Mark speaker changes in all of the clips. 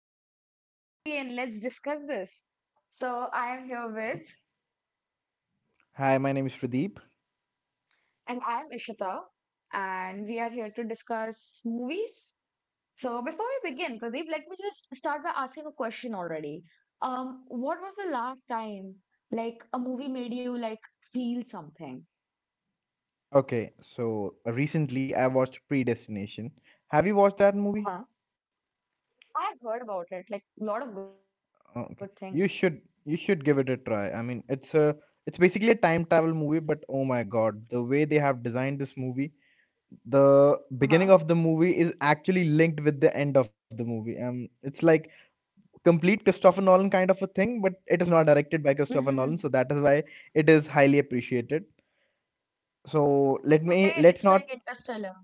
Speaker 1: cup of coffee and let's discuss this. So, I am here
Speaker 2: Oh,
Speaker 1: with,
Speaker 2: hi, my name is Pradeep.
Speaker 1: and I am Ishita, and we are here to discuss movies. So, before we begin, Pradeep, let me just start by asking a question already. What was the last time, like, a movie made you, like, feel something?
Speaker 2: Okay, so recently I watched Predestination. Have you watched that movie?
Speaker 1: Uh-huh. I have heard about it, like, a lot of good things.
Speaker 2: Oh, okay, you should give it a try. I mean, it's basically a time travel movie, but oh my God, the way they have designed this movie, the
Speaker 1: Uh-huh.
Speaker 2: beginning of the movie is actually linked with the end of the movie. It's like complete Christopher Nolan kind of a thing, but it is not directed by Christopher Nolan,
Speaker 1: Hmm.
Speaker 2: so that is why it is highly appreciated. So let me
Speaker 1: Today,
Speaker 2: let's
Speaker 1: it's
Speaker 2: not
Speaker 1: like Interstellar.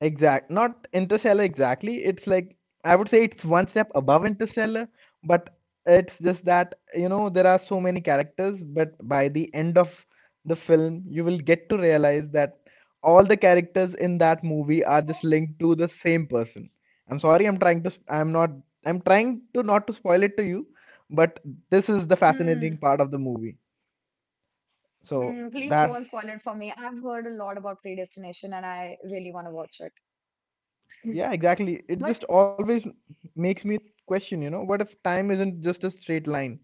Speaker 2: Exact, not Interstellar exactly. It's like I would say it's one step above Interstellar, but it's just that, you know, there are so many characters, but by the end of the film, you will get to realize that all the characters in that movie are just linked to the same person. I'm sorry, I'm trying to, I'm trying to not to spoil it to you, but this is the fascinating
Speaker 1: Hmm.
Speaker 2: part of the movie. So
Speaker 1: Please
Speaker 2: that
Speaker 1: don't spoil it for me. I've heard a lot about Predestination and I really want to watch it.
Speaker 2: Yeah, exactly. It
Speaker 1: But
Speaker 2: just always makes me question, you know, what if time isn't just a straight line?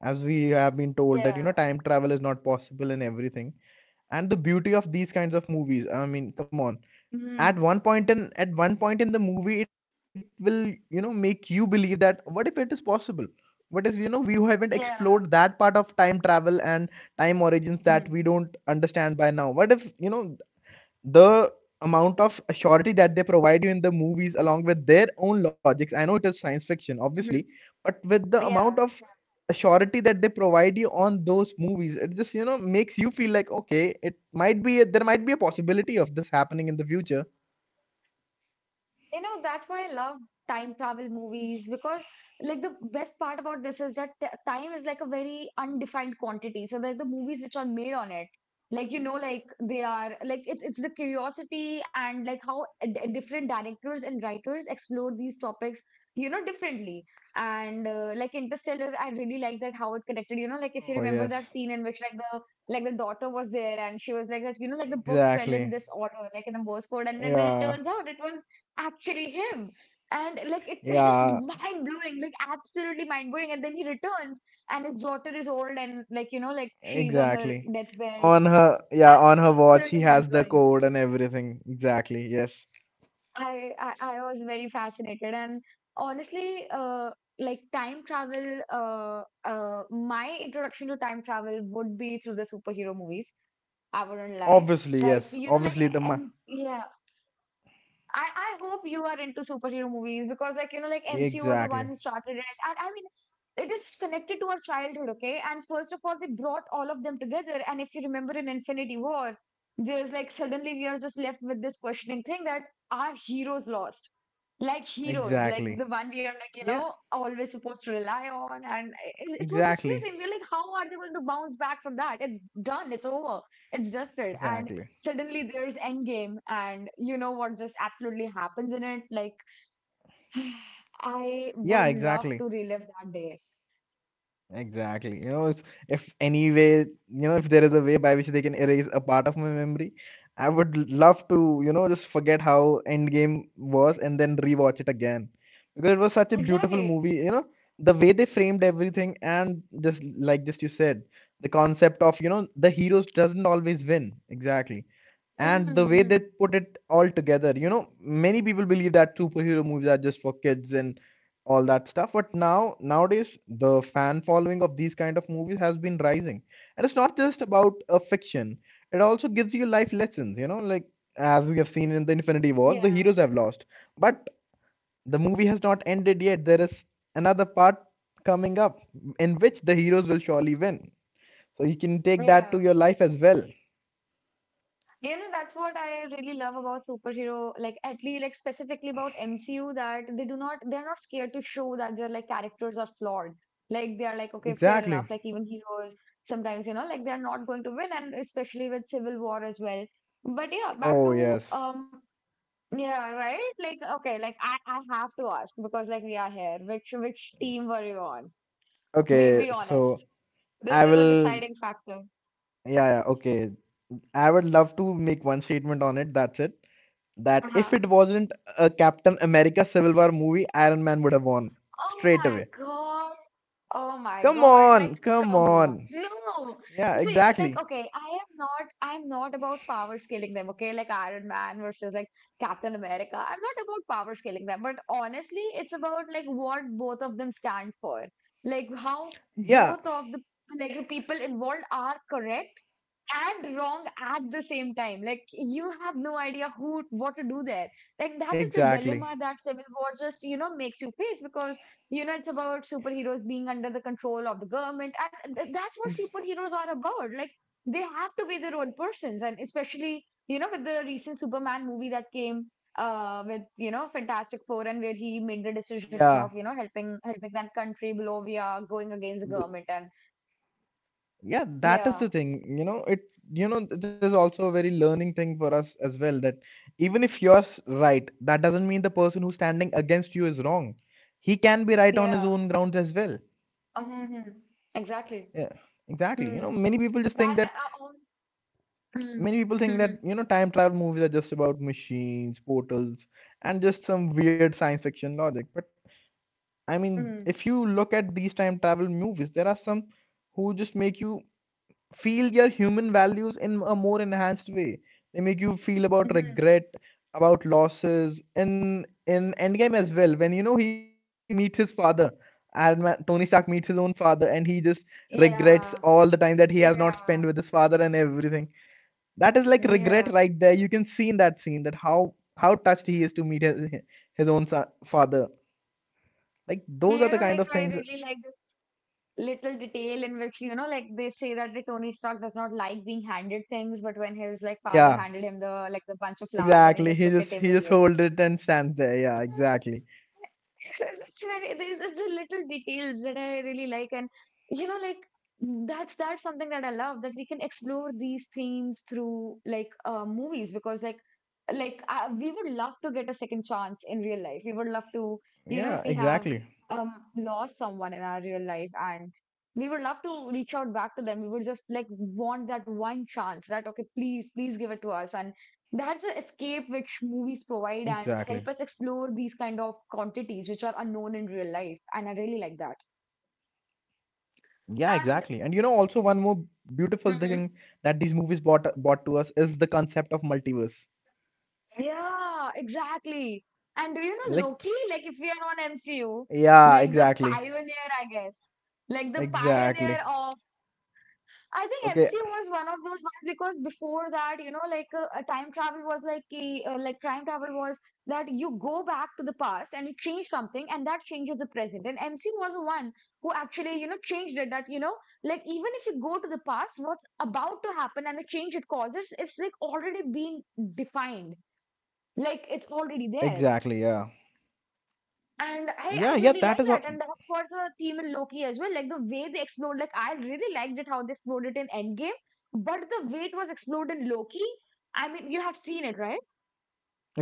Speaker 2: As we have been told that, you know,
Speaker 1: yeah.
Speaker 2: time travel is not possible and everything. And the beauty of these kinds of movies, I mean, come on. At
Speaker 1: Mm,
Speaker 2: one point in at one point in the movie, it will, you know, make you believe that what if it is possible? What is, you know, we haven't explored
Speaker 1: yeah.
Speaker 2: that part of time travel and time origins that we
Speaker 1: Mm,
Speaker 2: don't understand by now. What if, you know, the amount of surety that they provide you in the movies along with their own logics, I know it is science fiction, obviously,
Speaker 1: mhm,
Speaker 2: but with the amount
Speaker 1: yeah.
Speaker 2: of surety that they provide you on those movies, it just, you know, makes you feel like, okay it might be a, there might be a possibility of this happening in the future.
Speaker 1: You know, that's why I love time travel movies because, like, the best part about this is that time is like a very undefined quantity. So, like, the movies which are made on it, like, like, they are, like, it's the curiosity and, like, how different directors and writers explore these topics, differently. And, like, Interstellar, I really like that how it connected, like, if you
Speaker 2: Oh,
Speaker 1: remember that
Speaker 2: yes.
Speaker 1: scene in which, like, the daughter was there and she was like that like the books fell in this
Speaker 2: Exactly.
Speaker 1: order like in a Morse code and then it turns
Speaker 2: Yeah,
Speaker 1: out it was actually him. And like it's just
Speaker 2: yeah,
Speaker 1: mind blowing, like absolutely mind blowing. And then he returns, and his daughter is old, and like like she's on her
Speaker 2: exactly.
Speaker 1: deathbed.
Speaker 2: On her, yeah, on her watch he
Speaker 1: Absolutely mind
Speaker 2: has the
Speaker 1: blowing.
Speaker 2: code and everything, exactly, yes.
Speaker 1: I was very fascinated, and honestly, like time travel, uh, my introduction to time travel would be through the superhero movies. I wouldn't lie.
Speaker 2: Obviously,
Speaker 1: Like
Speaker 2: yes,
Speaker 1: like and yeah, I hope you are into superhero movies because like like MCU was the one
Speaker 2: exactly.
Speaker 1: who started it and I mean it is connected to our childhood okay and first of all they brought all of them together and if you remember in Infinity War there's like suddenly we are just left with this questioning thing that our heroes lost like heroes, like
Speaker 2: Exactly.
Speaker 1: the one we are like,
Speaker 2: Yeah,
Speaker 1: always supposed to rely on. And it was just crazy.
Speaker 2: exactly.
Speaker 1: And we're like, how are they going to bounce back from that? It's done. It's over. It's dusted. And
Speaker 2: Exactly.
Speaker 1: suddenly there's Endgame. And you know what just absolutely happens in it? Like, I
Speaker 2: Yeah,
Speaker 1: would
Speaker 2: exactly.
Speaker 1: love to relive that day.
Speaker 2: Exactly. You know, it's, if any way, you know, if there is a way by which they can erase a part of my memory, I would love to, you know, just forget how Endgame was and then rewatch it again. Because it was such a beautiful
Speaker 1: Exactly.
Speaker 2: movie, you know, the way they framed everything and just like just you said, the concept of, you know, the heroes doesn't always win. Exactly. And the way they
Speaker 1: Hmm.
Speaker 2: put it all together, you know, many people believe that superhero movies are just for kids and all that stuff, but now nowadays the fan following of these kind of movies has been rising, and it's not just about a fiction, it also gives you life lessons, you know, like as we have seen in the Infinity Wars, the
Speaker 1: Yeah.
Speaker 2: heroes have lost, but the movie has not ended yet. There is another part coming up in which the heroes will surely win, so you can take that to
Speaker 1: Yeah.
Speaker 2: your life as well.
Speaker 1: You know, that's what I really love about superhero, like at least like specifically about MCU that they're not scared to show that their like characters are flawed. Like they are like, okay, fair
Speaker 2: Exactly.
Speaker 1: enough. Like even heroes sometimes, like they're not going to win and especially with Civil War as well. But yeah, back
Speaker 2: Oh,
Speaker 1: to
Speaker 2: yes.
Speaker 1: yeah, right? Like okay, like I have to ask because like we are here. Which team were you on? Be
Speaker 2: Okay,
Speaker 1: be
Speaker 2: so
Speaker 1: honest.
Speaker 2: I
Speaker 1: This is a
Speaker 2: will,
Speaker 1: deciding factor.
Speaker 2: yeah, yeah, okay. I would love to make one statement on it. That's it. That if
Speaker 1: Uh-huh.
Speaker 2: it wasn't a Captain America Civil War movie, Iron Man would have won
Speaker 1: Oh
Speaker 2: straight
Speaker 1: my
Speaker 2: away.
Speaker 1: God. Oh my
Speaker 2: Come
Speaker 1: God. Like,
Speaker 2: on, come
Speaker 1: come on.
Speaker 2: on.
Speaker 1: No.
Speaker 2: Yeah,
Speaker 1: See, like,
Speaker 2: exactly.
Speaker 1: okay, I'm not about power scaling them, okay? Like Iron Man versus like Captain America. I'm not about power scaling them, but honestly, it's about like what both of them stand for. Like how
Speaker 2: Yeah,
Speaker 1: both of the people involved are correct and wrong at the same time. Like you have no idea who what to do there. Like that is the
Speaker 2: exactly.
Speaker 1: dilemma that Civil War just makes you face because it's about superheroes being under the control of the government, and
Speaker 2: Ex
Speaker 1: that's what superheroes are about. Like they have to be their own persons, and especially with the recent Superman movie that came with Fantastic Four and where he made the decision
Speaker 2: Yeah.
Speaker 1: of helping that country below via going against the government and
Speaker 2: Yeah, that
Speaker 1: yeah,
Speaker 2: is the thing. You know, it is also a very learning thing for us as well, that even if you're right, that doesn't mean the person who's standing against you is wrong. He can be right on
Speaker 1: yeah.
Speaker 2: his own grounds as well.
Speaker 1: Mhm. Exactly.
Speaker 2: Yeah, exactly.
Speaker 1: Hmm.
Speaker 2: You know,
Speaker 1: Then, on. Hmm.
Speaker 2: many people think
Speaker 1: Mhm.
Speaker 2: that, you know, time travel movies are just about machines, portals, and just some weird science fiction logic. But I mean,
Speaker 1: Mhm.
Speaker 2: if you look at these time travel movies, there are some who just make you feel your human values in a more enhanced way. They make you feel about
Speaker 1: Mhm.
Speaker 2: regret, about losses. In Endgame as well, when, you know, he meets his father, and man, Tony Stark meets his own father, and he just regrets all
Speaker 1: Yeah.
Speaker 2: the time that he has not spent with
Speaker 1: Yeah.
Speaker 2: his father and everything. That is like regret
Speaker 1: Yeah.
Speaker 2: right there. You can see in that scene that how touched he is to meet his own son, father. Like
Speaker 1: You
Speaker 2: those are the
Speaker 1: know,
Speaker 2: kind
Speaker 1: like
Speaker 2: of
Speaker 1: I
Speaker 2: things.
Speaker 1: really like this little detail in which, like they say that the Tony Stark does not like being handed things, but when his like
Speaker 2: Yeah,
Speaker 1: father handed him the bunch of flowers and he
Speaker 2: exactly.
Speaker 1: just
Speaker 2: He
Speaker 1: took it
Speaker 2: just he just holds
Speaker 1: immediately.
Speaker 2: it and stands there. Yeah, exactly.
Speaker 1: Actually, these are the little details that I really like, and like that's something that I love that we can explore these themes through like movies because like we would love to get a second chance in real life. We would love to, if
Speaker 2: Yeah,
Speaker 1: we have
Speaker 2: exactly.
Speaker 1: lost someone in our real life and we would love to reach out back to them. We would just like want that one chance that okay, please, please give it to us and that's an escape
Speaker 2: Exactly.
Speaker 1: which movies provide and help us explore these kind of quantities which are unknown in real life. And I really like that.
Speaker 2: Yeah, exactly. And you know,
Speaker 1: And.
Speaker 2: also one more beautiful thing that
Speaker 1: Mhm.
Speaker 2: these movies brought to us is the concept of multiverse.
Speaker 1: Yeah, exactly. And do you know
Speaker 2: Like,
Speaker 1: Loki? Like if we are on MCU,
Speaker 2: yeah,
Speaker 1: like the
Speaker 2: exactly.
Speaker 1: pioneer, I guess. Like the pioneer
Speaker 2: Exactly.
Speaker 1: of I think
Speaker 2: Okay,
Speaker 1: MCU was one of those ones because before that, like time travel was like a, like time travel was that you go back to the past and you change something and that changes the present. And MCU was the one who actually, changed it that, like even if you go to the past, what's about to happen and the change it causes, it's like already been defined. Like it's already there.
Speaker 2: exactly. Yeah.
Speaker 1: And I
Speaker 2: Yeah, yeah,
Speaker 1: really
Speaker 2: that
Speaker 1: like
Speaker 2: is
Speaker 1: that.
Speaker 2: what
Speaker 1: And that's what's the theme in Loki as well. Like the way they explored, like I really liked it how they explored it in Endgame, but the way it was explored in Loki, I mean, you have seen it, right?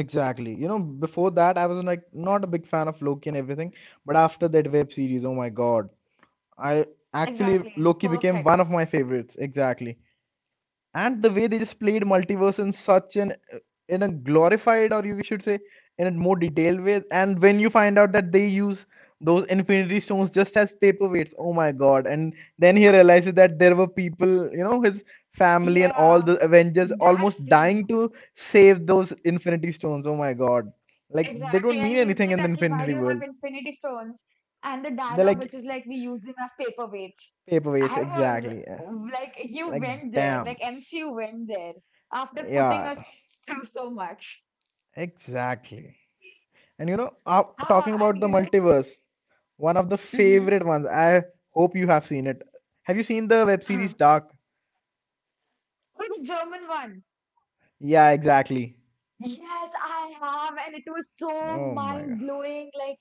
Speaker 2: exactly. You know, before that I was like not a big fan of Loki and everything, but after that web series, oh my God. I actually
Speaker 1: Exactly.
Speaker 2: Loki became one
Speaker 1: Perfect.
Speaker 2: of my favorites, exactly. And the way they just played multiverse in such an in a glorified, or you should say, in a more detailed way, and when you find out that they use those infinity stones just as paperweights, oh my God, and then he realizes that there were people, you know, his family and all
Speaker 1: Yeah,
Speaker 2: the Avengers
Speaker 1: that
Speaker 2: almost dying
Speaker 1: scene.
Speaker 2: to save those infinity stones, oh my God, like they
Speaker 1: Exactly.
Speaker 2: don't mean
Speaker 1: And he's
Speaker 2: anything
Speaker 1: like,
Speaker 2: in the
Speaker 1: that, "Ki, why
Speaker 2: infinity
Speaker 1: do you
Speaker 2: world.
Speaker 1: have infinity stones? And the
Speaker 2: They're like
Speaker 1: dialogue, which is like, we use them as paperweights.
Speaker 2: paperweights,
Speaker 1: I was
Speaker 2: exactly, yeah.
Speaker 1: like, you
Speaker 2: Like
Speaker 1: went there, like
Speaker 2: damn,
Speaker 1: MCU went there after putting
Speaker 2: yeah,
Speaker 1: us through so much.
Speaker 2: exactly. And you know,
Speaker 1: Ah,
Speaker 2: talking
Speaker 1: and
Speaker 2: about
Speaker 1: you
Speaker 2: the
Speaker 1: know.
Speaker 2: multiverse, one of the
Speaker 1: Mm-hmm.
Speaker 2: favorite ones. I hope you have seen it. Have you seen the web series
Speaker 1: Uh-huh.
Speaker 2: Dark?
Speaker 1: Or the German one.
Speaker 2: Yeah, exactly.
Speaker 1: Yes, I have, and it was so
Speaker 2: Oh my
Speaker 1: mind
Speaker 2: God.
Speaker 1: blowing. Like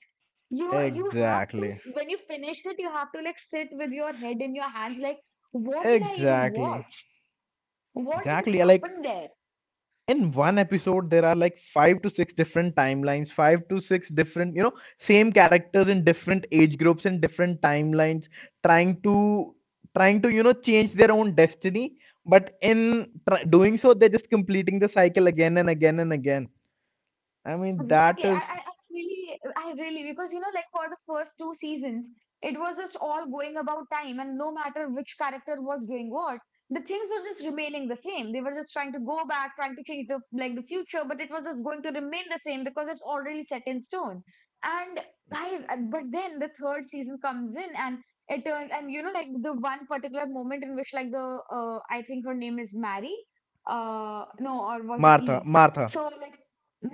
Speaker 1: you have
Speaker 2: Exactly.
Speaker 1: to when you finish it, you have to like sit with your head in your hands. Like, what did I even
Speaker 2: Exactly.
Speaker 1: watch? What even
Speaker 2: Exactly. Yeah, like
Speaker 1: happened there?
Speaker 2: in one episode there are like five to six different timelines, five to six different, you know, same characters in different age groups and different timelines trying to you know, change their own destiny, but in doing so they're just completing the cycle again and again and again. I mean,
Speaker 1: Exactly.
Speaker 2: that
Speaker 1: I, I,
Speaker 2: is
Speaker 1: I really, because like for the first two seasons, it was just all going about time, and no matter which character was doing what, the things were just remaining the same. They were just trying to go back, trying to change the future, but it was just going to remain the same because it's already set in stone. And I, but then the third season comes in, and it turns, and like the one particular moment in which, like the, I think her name is Mary, no, or was it
Speaker 2: Martha,
Speaker 1: Eve?
Speaker 2: Martha.
Speaker 1: So like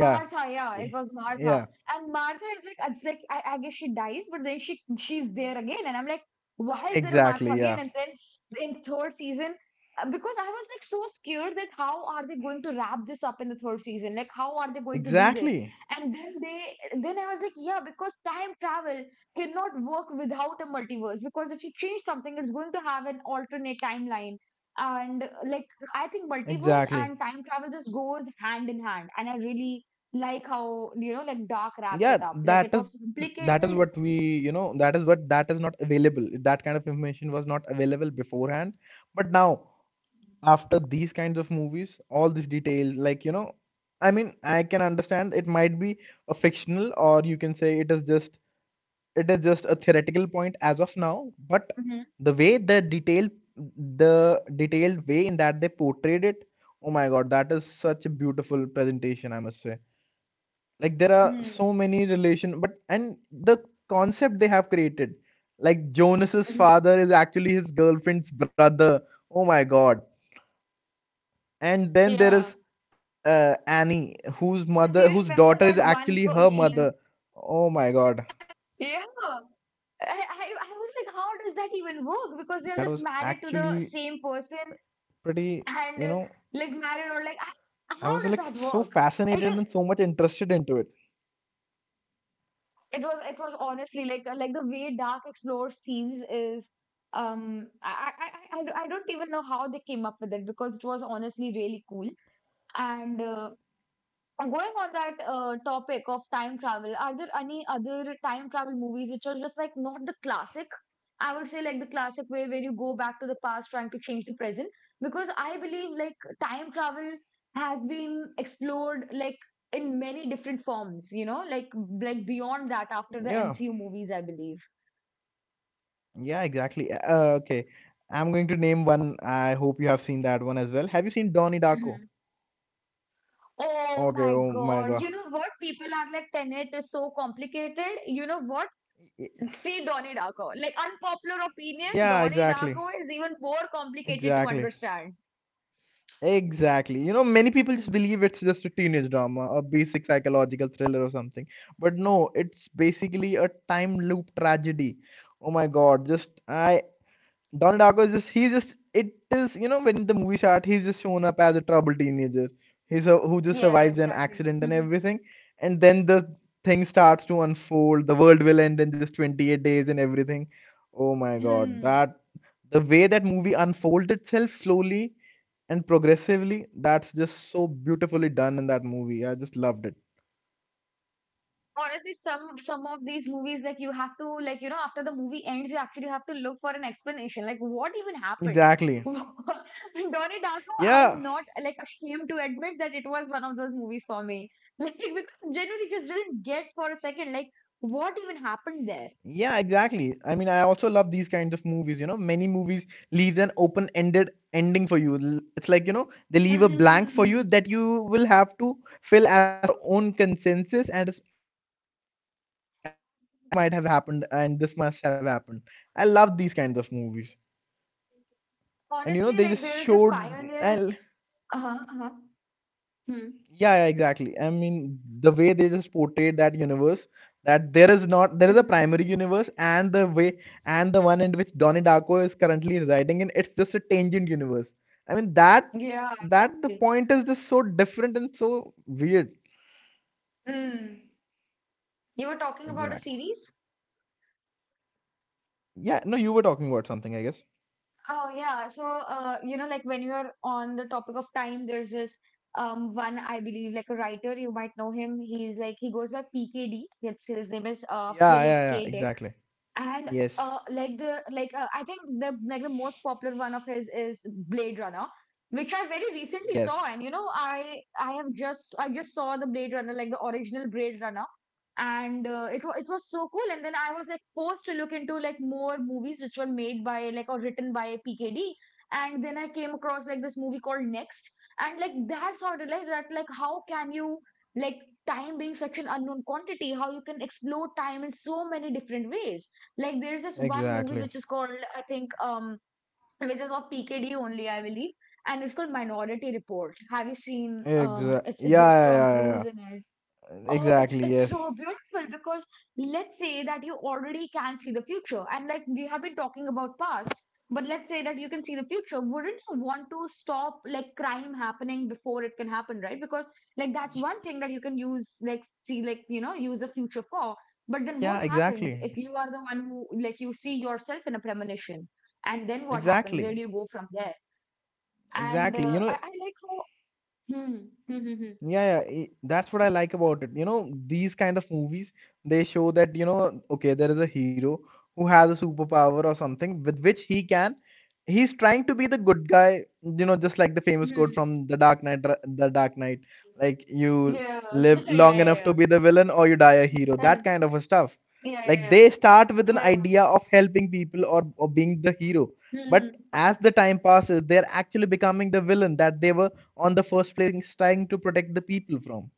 Speaker 2: Yeah.
Speaker 1: yeah, it
Speaker 2: Yeah.
Speaker 1: was Martha.
Speaker 2: Yeah.
Speaker 1: And Martha is like, it's like I guess she dies, but then she's there again, and I'm like, why is there a
Speaker 2: Exactly.
Speaker 1: Martha
Speaker 2: Yeah.
Speaker 1: again? And then in third season, because I was like so scared that how are they going to wrap this up in the third season? Like, how are they going to do this?
Speaker 2: Exactly.
Speaker 1: And then I was like, yeah, because time travel cannot work without a multiverse, because if you change something, it's going to have an alternate timeline. And like I think multiverse
Speaker 2: Exactly.
Speaker 1: and time travel just goes hand in hand. And I really like how, like Dark wraps
Speaker 2: Yeah,
Speaker 1: it up. Like it was
Speaker 2: that is what
Speaker 1: complicated.
Speaker 2: we, you know, that is what that is not available. That kind of information was not available beforehand. But now, after these kinds of movies, all these details, like, you know, I mean, I can understand it might be a fictional, or you can say it is just a theoretical point as of now, but
Speaker 1: Hmm.
Speaker 2: the way the detailed way in that they portrayed it, oh my God, that is such a beautiful presentation, I must say. Like there are
Speaker 1: Hmm.
Speaker 2: so many relation, but and the concept they have created, like Jonas's
Speaker 1: Hmm.
Speaker 2: father is actually his girlfriend's brother, oh my God,
Speaker 1: Yeah.
Speaker 2: and then there
Speaker 1: And,
Speaker 2: is
Speaker 1: and do you remember that one
Speaker 2: Annie, whose
Speaker 1: lady who were
Speaker 2: mother
Speaker 1: like
Speaker 2: whose
Speaker 1: their
Speaker 2: daughter is
Speaker 1: own mother?
Speaker 2: actually her
Speaker 1: And
Speaker 2: mother, oh my God.
Speaker 1: yeah, I was like, how does that even work? Because they're just married to
Speaker 2: That
Speaker 1: the
Speaker 2: was
Speaker 1: same person
Speaker 2: actually
Speaker 1: and
Speaker 2: pretty,
Speaker 1: like
Speaker 2: you know,
Speaker 1: married or like, how
Speaker 2: I
Speaker 1: does
Speaker 2: was
Speaker 1: that
Speaker 2: like
Speaker 1: work?
Speaker 2: so
Speaker 1: It is,
Speaker 2: fascinated and so much interested into it.
Speaker 1: it was honestly like the way dark explores themes is I don't even know how they came up with it because it was honestly really cool and going on that topic of time travel, are there any other time travel movies which are just like not the classic? I would say like the classic way where you go back to the past trying to change the present. Because I believe like time travel has been explored like in many different forms, like beyond that after the
Speaker 2: Yeah,
Speaker 1: MCU movies, I believe.
Speaker 2: yeah, exactly. Okay, I'm going to name one. I hope you have seen that one as well. Have you seen Donnie Darko?
Speaker 1: Mhm. Oh
Speaker 2: Okay,
Speaker 1: my
Speaker 2: oh my
Speaker 1: God.
Speaker 2: God.
Speaker 1: You know what? People are like, Tenet is so complicated. You know what?
Speaker 2: Y-
Speaker 1: See Donnie Darko. Like unpopular opinion,
Speaker 2: Yeah,
Speaker 1: Donnie Darko is even more complicated to
Speaker 2: exactly,
Speaker 1: understand.
Speaker 2: exactly. You know, many people just believe it's just a teenage drama, a basic psychological thriller or something. But no, it's basically a time loop tragedy. Oh my God, just I Don Darko is just he just it is, you know, when the movie starts, he's just shown up as a troubled teenager. He's a, who just
Speaker 1: Yeah,
Speaker 2: survives an
Speaker 1: exactly. Hmm.
Speaker 2: accident and everything, and then the thing starts to unfold. The world will end in just 28 days and everything. Oh my God,
Speaker 1: Hmm.
Speaker 2: that the way that movie unfolds itself slowly and progressively, that's just so beautifully done in that movie. I just loved it.
Speaker 1: Honestly, some of these movies, like you have to, after the movie ends, you actually have to look for an explanation, like what even happened.
Speaker 2: Exactly.
Speaker 1: Donnie Darko, I am
Speaker 2: Yeah,
Speaker 1: not like ashamed to admit that it was one of those movies for me, like because genuinely just didn't get for a second, like what even happened there.
Speaker 2: yeah, exactly. I mean, I also love these kinds of movies. You know, many movies leaves an open-ended ending for you. It's like, you know, they leave a blank for you
Speaker 1: Mhm.
Speaker 2: that you will have to fill as your own consensus, and this might have happened and this must have happened. I love these kinds of movies. And you know,
Speaker 1: Honestly,
Speaker 2: they
Speaker 1: like
Speaker 2: just
Speaker 1: there is this
Speaker 2: showed
Speaker 1: pioneer.
Speaker 2: and
Speaker 1: Uh-huh, uh-huh. Hmm.
Speaker 2: yeah, yeah, exactly. I mean, the way they just portrayed that universe, that there is not there is a
Speaker 1: Mhm.
Speaker 2: primary universe, and the way and the one in which Donnie Darko is currently residing in, it's just a tangent universe. I mean that
Speaker 1: Yeah,
Speaker 2: that the
Speaker 1: exactly.
Speaker 2: point is just so different and so weird.
Speaker 1: Mm. You were talking about a
Speaker 2: Exactly.
Speaker 1: series?
Speaker 2: Yeah, no, you were talking about something, I guess.
Speaker 1: Oh yeah. So you know, like when you are on the topic of time, there's this one I believe like a writer, you might know him. He's like he goes by PKD. It's, his name is
Speaker 2: Yeah,
Speaker 1: Philip
Speaker 2: yeah, yeah,
Speaker 1: K. Dick.
Speaker 2: exactly.
Speaker 1: And
Speaker 2: Yes.
Speaker 1: like the like I think the like the most popular one of his is Blade Runner, which I very recently saw.
Speaker 2: Yes.
Speaker 1: And you know, I just saw the Blade Runner, like the original Blade Runner. And it was so cool. And then I was like forced to look into like more movies which were made by like or written by PKD, and then I came across like this movie called Next. And like that's how I realized that like how can you, like time being such an unknown quantity, how you can explore time in so many different ways. Like there's this one
Speaker 2: Exactly.
Speaker 1: movie which is called, I think which is of PKD only I believe, and it's called Minority Report. Have you seen it's
Speaker 2: Yeah,
Speaker 1: there's
Speaker 2: yeah,
Speaker 1: Tom
Speaker 2: yeah, yeah. Yeah.
Speaker 1: Cruise in it. Oh,
Speaker 2: Exactly,
Speaker 1: it's
Speaker 2: yes.
Speaker 1: so beautiful because let's say that you already can see the future, and like we have been talking about past, but let's say that you can see the future. Wouldn't you want to stop like crime happening before it can happen, right? Because like that's one thing that you can use, like see like you know use the future for. But then what
Speaker 2: Yeah,
Speaker 1: happens
Speaker 2: exactly.
Speaker 1: if you are the one who, like you see yourself in a premonition, and then what happens? Where
Speaker 2: Exactly.
Speaker 1: do you go from there? And
Speaker 2: Exactly. You
Speaker 1: uh,
Speaker 2: know,
Speaker 1: I I like how. Hmm. Hmm. Hmm. Hmm,
Speaker 2: yeah, yeah, that's what I like about it. You know, these kind of movies, they show that, you know, okay, there is a hero who has a superpower or something with which he's trying to be the good guy, you know, just like the famous quote
Speaker 1: hmm.
Speaker 2: from The Dark Knight, The Dark Knight, like you
Speaker 1: Yeah.
Speaker 2: live
Speaker 1: Yeah.
Speaker 2: long enough to
Speaker 1: Yeah.
Speaker 2: be the villain or you die a hero,
Speaker 1: Yeah.
Speaker 2: that kind of a stuff.
Speaker 1: Yeah,
Speaker 2: Like
Speaker 1: yeah,
Speaker 2: they start with an
Speaker 1: yeah. Yeah.
Speaker 2: idea of helping people or being the hero,
Speaker 1: Hmm.
Speaker 2: but as the time passes, they're actually becoming the villain that they were on the first place is trying to protect the people from.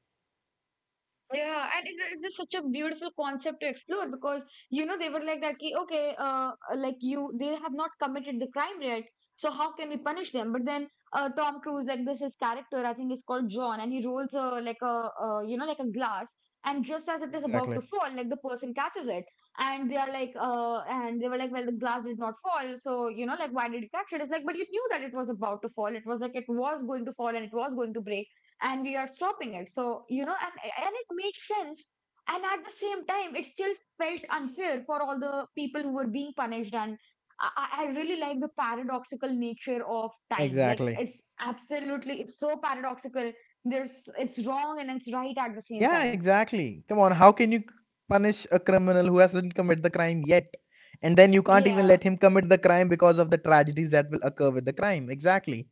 Speaker 1: Yeah, and it is just such a beautiful concept to explore because you know they were like that ki, okay, like you they have not committed the crime yet, so how can we punish them? But then Tom Cruise, like this his character, I think is called John, and he rolls a like a you know like a glass, and just as it is about
Speaker 2: Exactly.
Speaker 1: to fall, like the person catches it, and they are like and they were like, well, the glass did not fall, so you know like why did you catch it? It's like, but you knew that it was about to fall. It was like it was going to fall and it was going to break, and we are stopping it, so you know. And it made sense, and at the same time it still felt unfair for all the people who were being punished. And I really like the paradoxical nature of time. Like
Speaker 2: Exactly.
Speaker 1: it's absolutely, it's so paradoxical. There's it's wrong and it's right at the same
Speaker 2: Yeah,
Speaker 1: time.
Speaker 2: exactly. Come on, how can you punish a criminal who hasn't committed the crime yet? And then you can't even
Speaker 1: Yeah.
Speaker 2: let him commit the crime because of the tragedies that will occur with the crime. Exactly.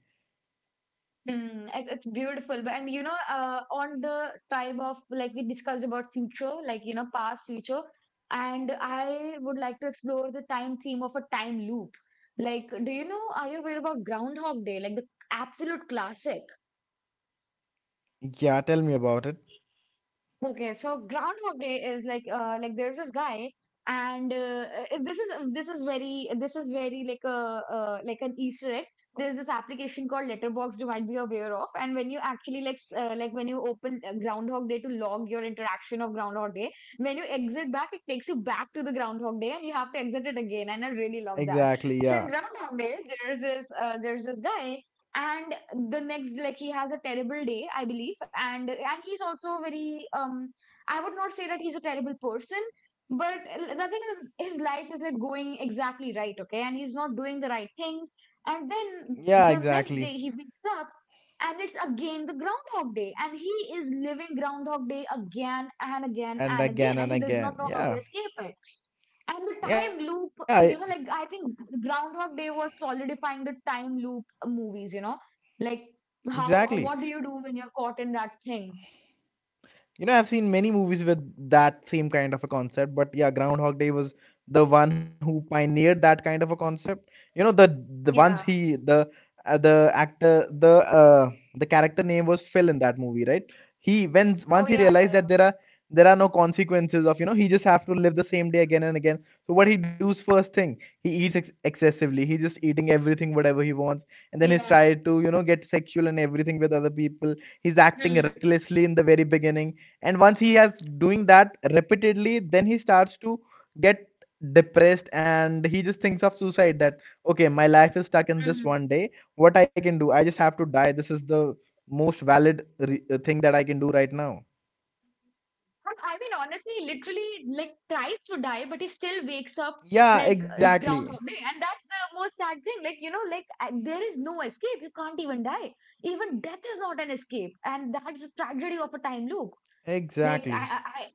Speaker 1: Mm, it, it's beautiful. But, and you know, on the type of like we discussed about future, like you know, past, future, and I would like to explore the time theme of a time loop. Like, do you know, are you aware about Groundhog Day? Like the absolute classic.
Speaker 2: Yeah, tell me about it.
Speaker 1: Okay, so Groundhog Day is like there's this guy. And this is this is very like a like an Easter egg. There's this application called Letterboxd you might be aware of, and when you actually like s- like when you open Groundhog Day to log your interaction of Groundhog Day, when you exit back, it takes you back to the Groundhog Day, and you have to exit it again. And I really love that.
Speaker 2: Exactly,
Speaker 1: So in
Speaker 2: yeah.
Speaker 1: Groundhog Day, there's this guy, and the next like he has a terrible day I believe. And he's also very I would not say that he's a terrible person, but l- nothing in his life is like going exactly right, okay, and he's not doing the right things. And then
Speaker 2: Yeah,
Speaker 1: the next day
Speaker 2: exactly.
Speaker 1: he wakes up, and it's again the Groundhog Day, and he is living Groundhog Day again and again and again, and
Speaker 2: And
Speaker 1: he does
Speaker 2: again
Speaker 1: not
Speaker 2: and
Speaker 1: know how to
Speaker 2: again.
Speaker 1: escape
Speaker 2: Yeah.
Speaker 1: it. And the time loop,
Speaker 2: Yeah, e-
Speaker 1: you know, like I think Groundhog Day was solidifying the time loop movies, you know, like how, what do
Speaker 2: exactly.
Speaker 1: you do when you're caught in that thing?
Speaker 2: You know, I've seen many movies with that same kind of a concept, but yeah, Groundhog Day was the one who pioneered that kind of a concept. You know, the ones
Speaker 1: Yeah.
Speaker 2: he the actor the character name was Phil in that movie, right? He when Once
Speaker 1: Oh,
Speaker 2: he
Speaker 1: yeah,
Speaker 2: realized
Speaker 1: yeah.
Speaker 2: that there are no consequences of, you know, he just have to live the same day again and again. So what he does first thing, he eats ex excessively. He just eating everything whatever he wants, and then he's
Speaker 1: Yeah.
Speaker 2: tried to, you know, get sexual and everything with other people. He's
Speaker 1: Yeah.
Speaker 2: acting
Speaker 1: Hmm.
Speaker 2: recklessly in the very beginning, and once he has doing that repeatedly, then he starts to get depressed, and he just thinks of suicide, that okay, my life is stuck in this
Speaker 1: Hmm.
Speaker 2: one day, what I can do, I just have to die. This is the most valid thing that I can do right now.
Speaker 1: But I mean, honestly, he literally like tries to die, but he still wakes up
Speaker 2: Yeah,
Speaker 1: like
Speaker 2: exactly.
Speaker 1: Groundhog Day, and that's the most sad thing. Like you know, like there is no escape. You can't even die. Even death is not an escape, and that's the tragedy of a time loop. Like
Speaker 2: Exactly.
Speaker 1: I, I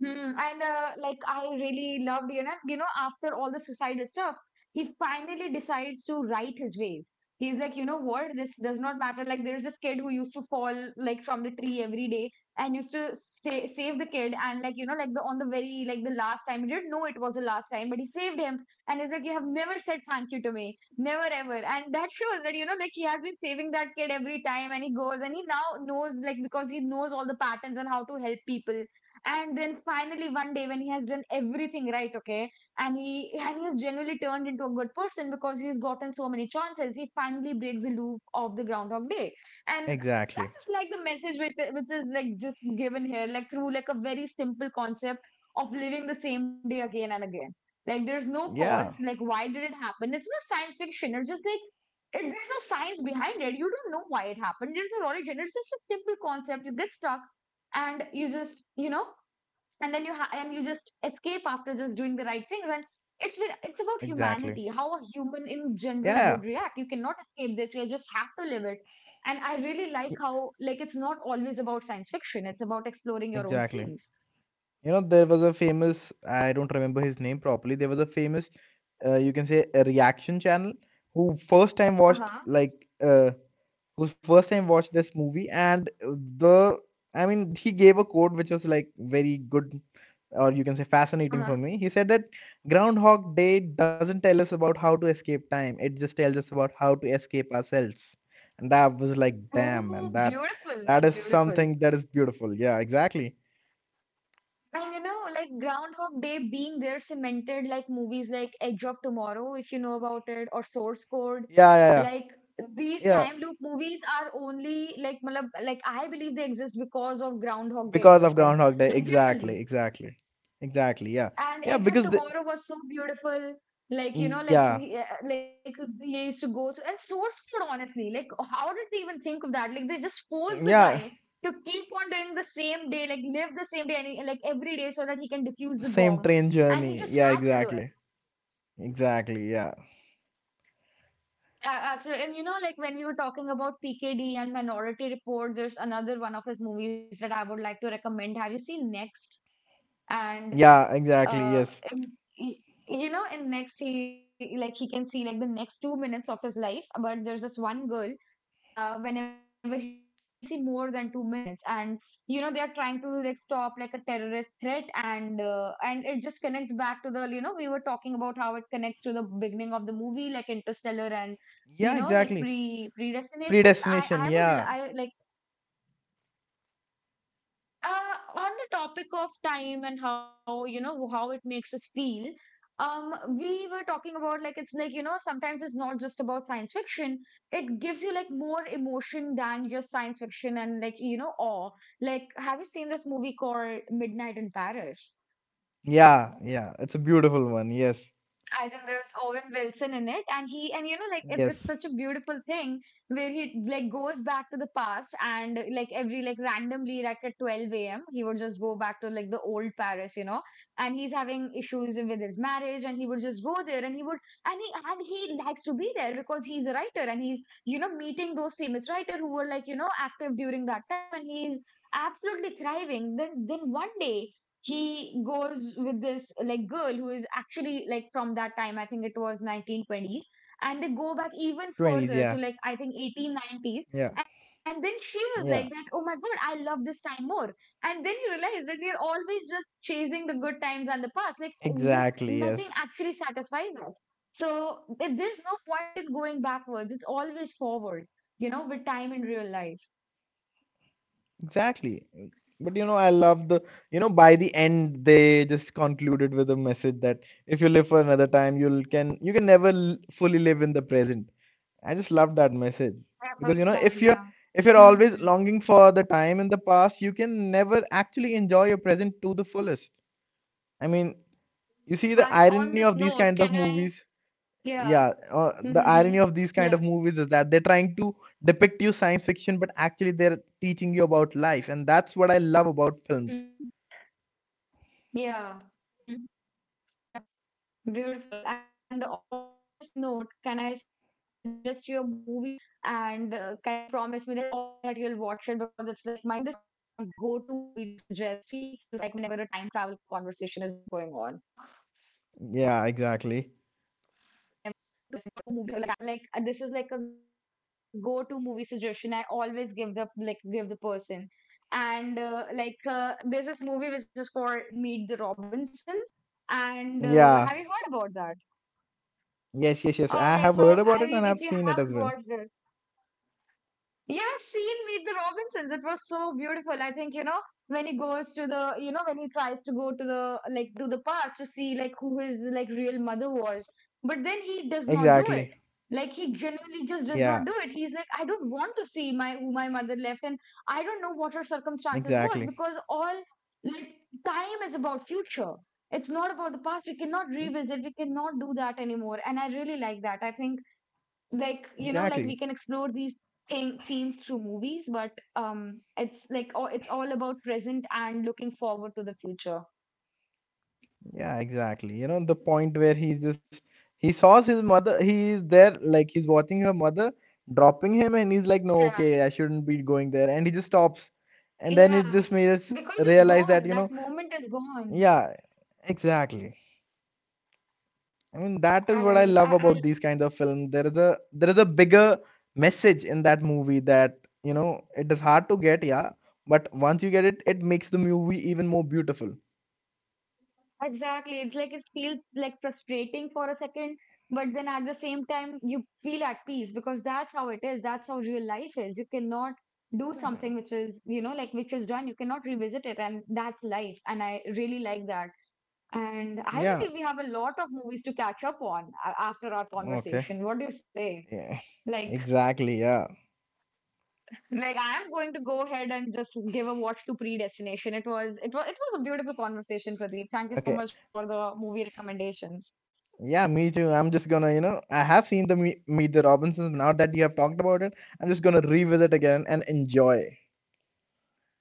Speaker 1: Hmm, and like I really loved, you know, after all the suicidal stuff, he finally decides to right his ways. He's like, you know what, this does not matter. Like, there's this kid who used to fall like from the tree every day and used to stay, save the kid. And like, you know, like the on the very like the last time, he didn't know it was the last time, but he saved him. And he's like, you have never said thank you to me, never ever. And that shows that you know, like he has been saving that kid every time, and he goes and he now knows like because he knows all the patterns and how to help people. And then finally, one day when he has done everything right, okay, and he has genuinely turned into a good person because he's gotten so many chances, he finally breaks the loop of the Groundhog Day. And I
Speaker 2: Exactly.
Speaker 1: just like the message which is like just given here, like through like a very simple concept of living the same day again and again. Like there's no
Speaker 2: Yeah,
Speaker 1: cause, like why did it happen? It's not science fiction. It's just like it, there's no science behind it. You don't know why it happened. There's no origin. It's just a simple concept. You get stuck, and you just you know, and then and you just escape after just doing the right things. And it's re- it's about
Speaker 2: exactly.
Speaker 1: humanity, how a human in general
Speaker 2: Yeah.
Speaker 1: would react. You cannot escape this, you just have to live it. And I really
Speaker 2: Y-
Speaker 1: like how like it's not always about science fiction, it's about exploring your own
Speaker 2: exactly.
Speaker 1: themes.
Speaker 2: You know, there was a famous, I don't remember his name properly. There was a famous, you can say, a reaction channel who first time watched,
Speaker 1: Uh-huh,
Speaker 2: who first time watched this movie. And the, I mean, he gave a quote which was like very good, or you can say fascinating
Speaker 1: uh-huh.
Speaker 2: for me. He said that Groundhog Day doesn't tell us about how to escape time, it just tells us about how to escape ourselves. And that was like, damn, and
Speaker 1: Oh
Speaker 2: that,
Speaker 1: beautiful,
Speaker 2: that
Speaker 1: that's
Speaker 2: is
Speaker 1: beautiful.
Speaker 2: something that is beautiful. Yeah, exactly.
Speaker 1: And you know, like Groundhog Day being there cemented like movies like Edge of Tomorrow, if you know about it, or Source
Speaker 2: Yeah,
Speaker 1: Code.
Speaker 2: yeah,
Speaker 1: Like
Speaker 2: yeah.
Speaker 1: these
Speaker 2: Yeah.
Speaker 1: time loop movies are only like, matlab, like I believe they exist because of Groundhog Day
Speaker 2: Because of
Speaker 1: existing.
Speaker 2: Groundhog Day,
Speaker 1: Like
Speaker 2: exactly,
Speaker 1: genuinely,
Speaker 2: exactly, exactly. Yeah,
Speaker 1: and
Speaker 2: yeah.
Speaker 1: Edge of Tomorrow was so beautiful. Like you know,
Speaker 2: Yeah,
Speaker 1: like like they used to go so, and Source Code. Honestly, like how did they even think of that? Like they just forced the
Speaker 2: yeah.
Speaker 1: guy to keep on doing the same day, like live the same day, and he- like every day, so that he can defuse
Speaker 2: The
Speaker 1: the
Speaker 2: same
Speaker 1: bomb.
Speaker 2: train
Speaker 1: And he
Speaker 2: journey.
Speaker 1: just
Speaker 2: Yeah,
Speaker 1: has to do it.
Speaker 2: exactly, exactly. Yeah,
Speaker 1: Actually, and you know, like when we were talking about PKD and Minority Report, there's another one of his movies that I would like to recommend. Have you seen Next? And
Speaker 2: yeah, exactly.
Speaker 1: uh
Speaker 2: Yes,
Speaker 1: and y- you know and next, he like he can see like the next 2 minutes of his life, but there's this one girl. Whenever he's with him, he can see more than 2 minutes. And you know, they are trying to like stop like a terrorist threat, and it just connects back to the. We were talking about how it connects to the beginning of the movie, like Interstellar, and you
Speaker 2: yeah,
Speaker 1: know, like
Speaker 2: exactly.
Speaker 1: predestination, i
Speaker 2: Predestination.
Speaker 1: i would
Speaker 2: Yeah,
Speaker 1: li- i like, on the topic of time and how you know how it makes us feel. um we were talking about like it's like you know, sometimes it's not just about science fiction, it gives you like more emotion than just science fiction, and like you know, awe. Like, have you seen this movie called Midnight in Paris?
Speaker 2: yeah, yeah. It's a beautiful one. Yes,
Speaker 1: I think there's Owen Wilson in it, and he and you know like it's
Speaker 2: yes.
Speaker 1: such a beautiful thing where he like goes back to the past, and like every like randomly like at 12 a.m. he would just go back to like the old Paris, you know, and he's having issues with his marriage, and he would just go there, and he would and he likes to be there because he's a writer, and he's you know meeting those famous writer who were like you know active during that time, and he's absolutely thriving. Then one day, he goes with this like girl who is actually like from that time. I think it was 1920s, and they go back even
Speaker 2: Twenties.
Speaker 1: further
Speaker 2: Yeah,
Speaker 1: to like, I think, 1890s.
Speaker 2: yeah,
Speaker 1: And then she was like, that,
Speaker 2: yeah.
Speaker 1: oh my god, I love this time more. And then you realize that we're always just chasing the good times and the past, like
Speaker 2: Exactly.
Speaker 1: nothing
Speaker 2: Yes.
Speaker 1: actually satisfies us. So there's no point in going backwards, it's always forward, you know, with time in real life.
Speaker 2: Exactly. But you know, I love you know, by the end they just concluded with a message that if you live for another time, you can never fully live in the present. I just love that message
Speaker 1: I agree,
Speaker 2: because you know,
Speaker 1: Kanya.
Speaker 2: if you're
Speaker 1: Hmm. Hmm.
Speaker 2: always longing for the time in the past, you can never actually enjoy your present to the fullest. I mean, you see the
Speaker 1: And
Speaker 2: irony
Speaker 1: on
Speaker 2: of
Speaker 1: this
Speaker 2: these kinds
Speaker 1: note,
Speaker 2: of
Speaker 1: can I?
Speaker 2: movies. Yeah
Speaker 1: Yeah.
Speaker 2: the irony
Speaker 1: Mm-hmm.
Speaker 2: of these kind of
Speaker 1: Yeah.
Speaker 2: movies is that they're trying to depict you science fiction, but actually they're teaching you about life, and that's what I love about films.
Speaker 1: Mm-hmm. Yeah. Beautiful. And on this note, can I suggest you a movie? And can you promise me that you'll watch it? Because it's like my go-to movie to suggest, like whenever a time travel conversation is going on.
Speaker 2: Yeah, exactly.
Speaker 1: Yeah. So, this is like a go-to movie suggestion I always give the like give the person. And there's this movie which is called Meet the Robinsons. And have you
Speaker 2: Yeah.
Speaker 1: heard about that?
Speaker 2: Yes, I
Speaker 1: Okay,
Speaker 2: have
Speaker 1: so
Speaker 2: heard
Speaker 1: I
Speaker 2: about it,
Speaker 1: mean,
Speaker 2: and
Speaker 1: if you
Speaker 2: I've seen it
Speaker 1: haven't
Speaker 2: as well.
Speaker 1: watched it, yeah, I've seen Meet the Robinsons. It was so beautiful. I think, you know, when he goes to the, you know, when he tries to go to the, like, to the past to see, like, who his, like, real mother was. But then he does not do it.
Speaker 2: Exactly.
Speaker 1: Like, he genuinely just does
Speaker 2: Yeah.
Speaker 1: not do it. He's like, I don't want to see my, who my mother left. And I don't know what her circumstances was
Speaker 2: Exactly.
Speaker 1: because all, like, time is about future. It's not about the past. We cannot revisit. We cannot do that anymore. And I really like that. I think like you know
Speaker 2: Exactly.
Speaker 1: like we can explore these thing, themes through movies, but it's like, oh, it's all about present and looking forward to the future.
Speaker 2: Yeah, exactly. You know, the point where he saws his mother, he is there, like he's watching her mother dropping him, and he's like, no,
Speaker 1: Yeah,
Speaker 2: okay, I shouldn't be going there. And he just stops. And then
Speaker 1: yeah,
Speaker 2: it just makes us
Speaker 1: because it's
Speaker 2: realize that,
Speaker 1: gone.
Speaker 2: you
Speaker 1: That
Speaker 2: know,
Speaker 1: moment is gone,
Speaker 2: yeah, exactly. I mean, that is what I
Speaker 1: and I,
Speaker 2: love
Speaker 1: I
Speaker 2: about these kinds of films. There is a bigger message in that movie that, you know, it is hard to get, yeah, but once you get it, it makes the movie even more beautiful.
Speaker 1: exactly. It's like it feels like frustrating for a second, but then at the same time, you feel at peace because that's how it is. That's how real life is. You cannot do something which is, you know, like which is done. You cannot revisit it, and that's life. And I really like that. And I
Speaker 2: Yeah,
Speaker 1: believe we have a lot of movies to catch up on after our
Speaker 2: okay.
Speaker 1: conversation. What do you say?
Speaker 2: Yeah,
Speaker 1: Like,
Speaker 2: exactly, yeah.
Speaker 1: like I am going to go ahead and just give a watch to Predestination. It was a beautiful conversation, Pradeep. Thank you
Speaker 2: Okay.
Speaker 1: so much for the movie recommendations.
Speaker 2: Yeah, me too. I'm just gonna, you know, I have seen the Meet the Robinsons. Now that you have talked about it, I'm just gonna revisit again and enjoy.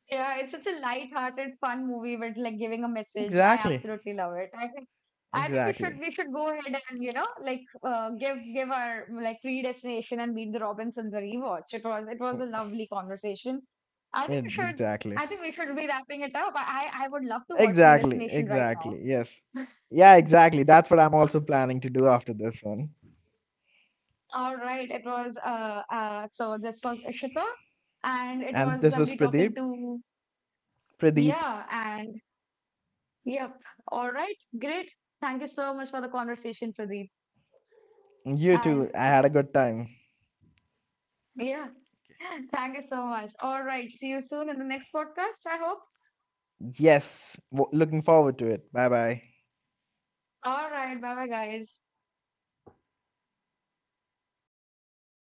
Speaker 1: Yeah, it's such a light-hearted, fun movie with like giving a message. I
Speaker 2: Exactly.
Speaker 1: absolutely love it. I think
Speaker 2: Exactly.
Speaker 1: we should go ahead, and you know like, give our like Predestination and Meet the Robinsons a rewatch. It was a lovely conversation. I think we
Speaker 2: Yeah,
Speaker 1: should I
Speaker 2: exactly.
Speaker 1: think we should be wrapping it up. I would love to watch
Speaker 2: Exactly.
Speaker 1: Predestination right now.
Speaker 2: Exactly. Yes. Yeah, exactly. That's what I'm also planning to do after this one.
Speaker 1: All right, it was so this was Ishita, and it
Speaker 2: And
Speaker 1: was
Speaker 2: this was
Speaker 1: lovely
Speaker 2: Pradeep.
Speaker 1: talking to,
Speaker 2: Pradeep,
Speaker 1: yeah, and. Yep. All right. Great. Thank you so much for the conversation, Pradeep.
Speaker 2: you
Speaker 1: And
Speaker 2: too. I had a good time.
Speaker 1: yeah, thank you so much. All right. See you soon in the next podcast, I hope.
Speaker 2: Yes. Looking forward to it. Bye bye.
Speaker 1: All right. Bye bye, guys.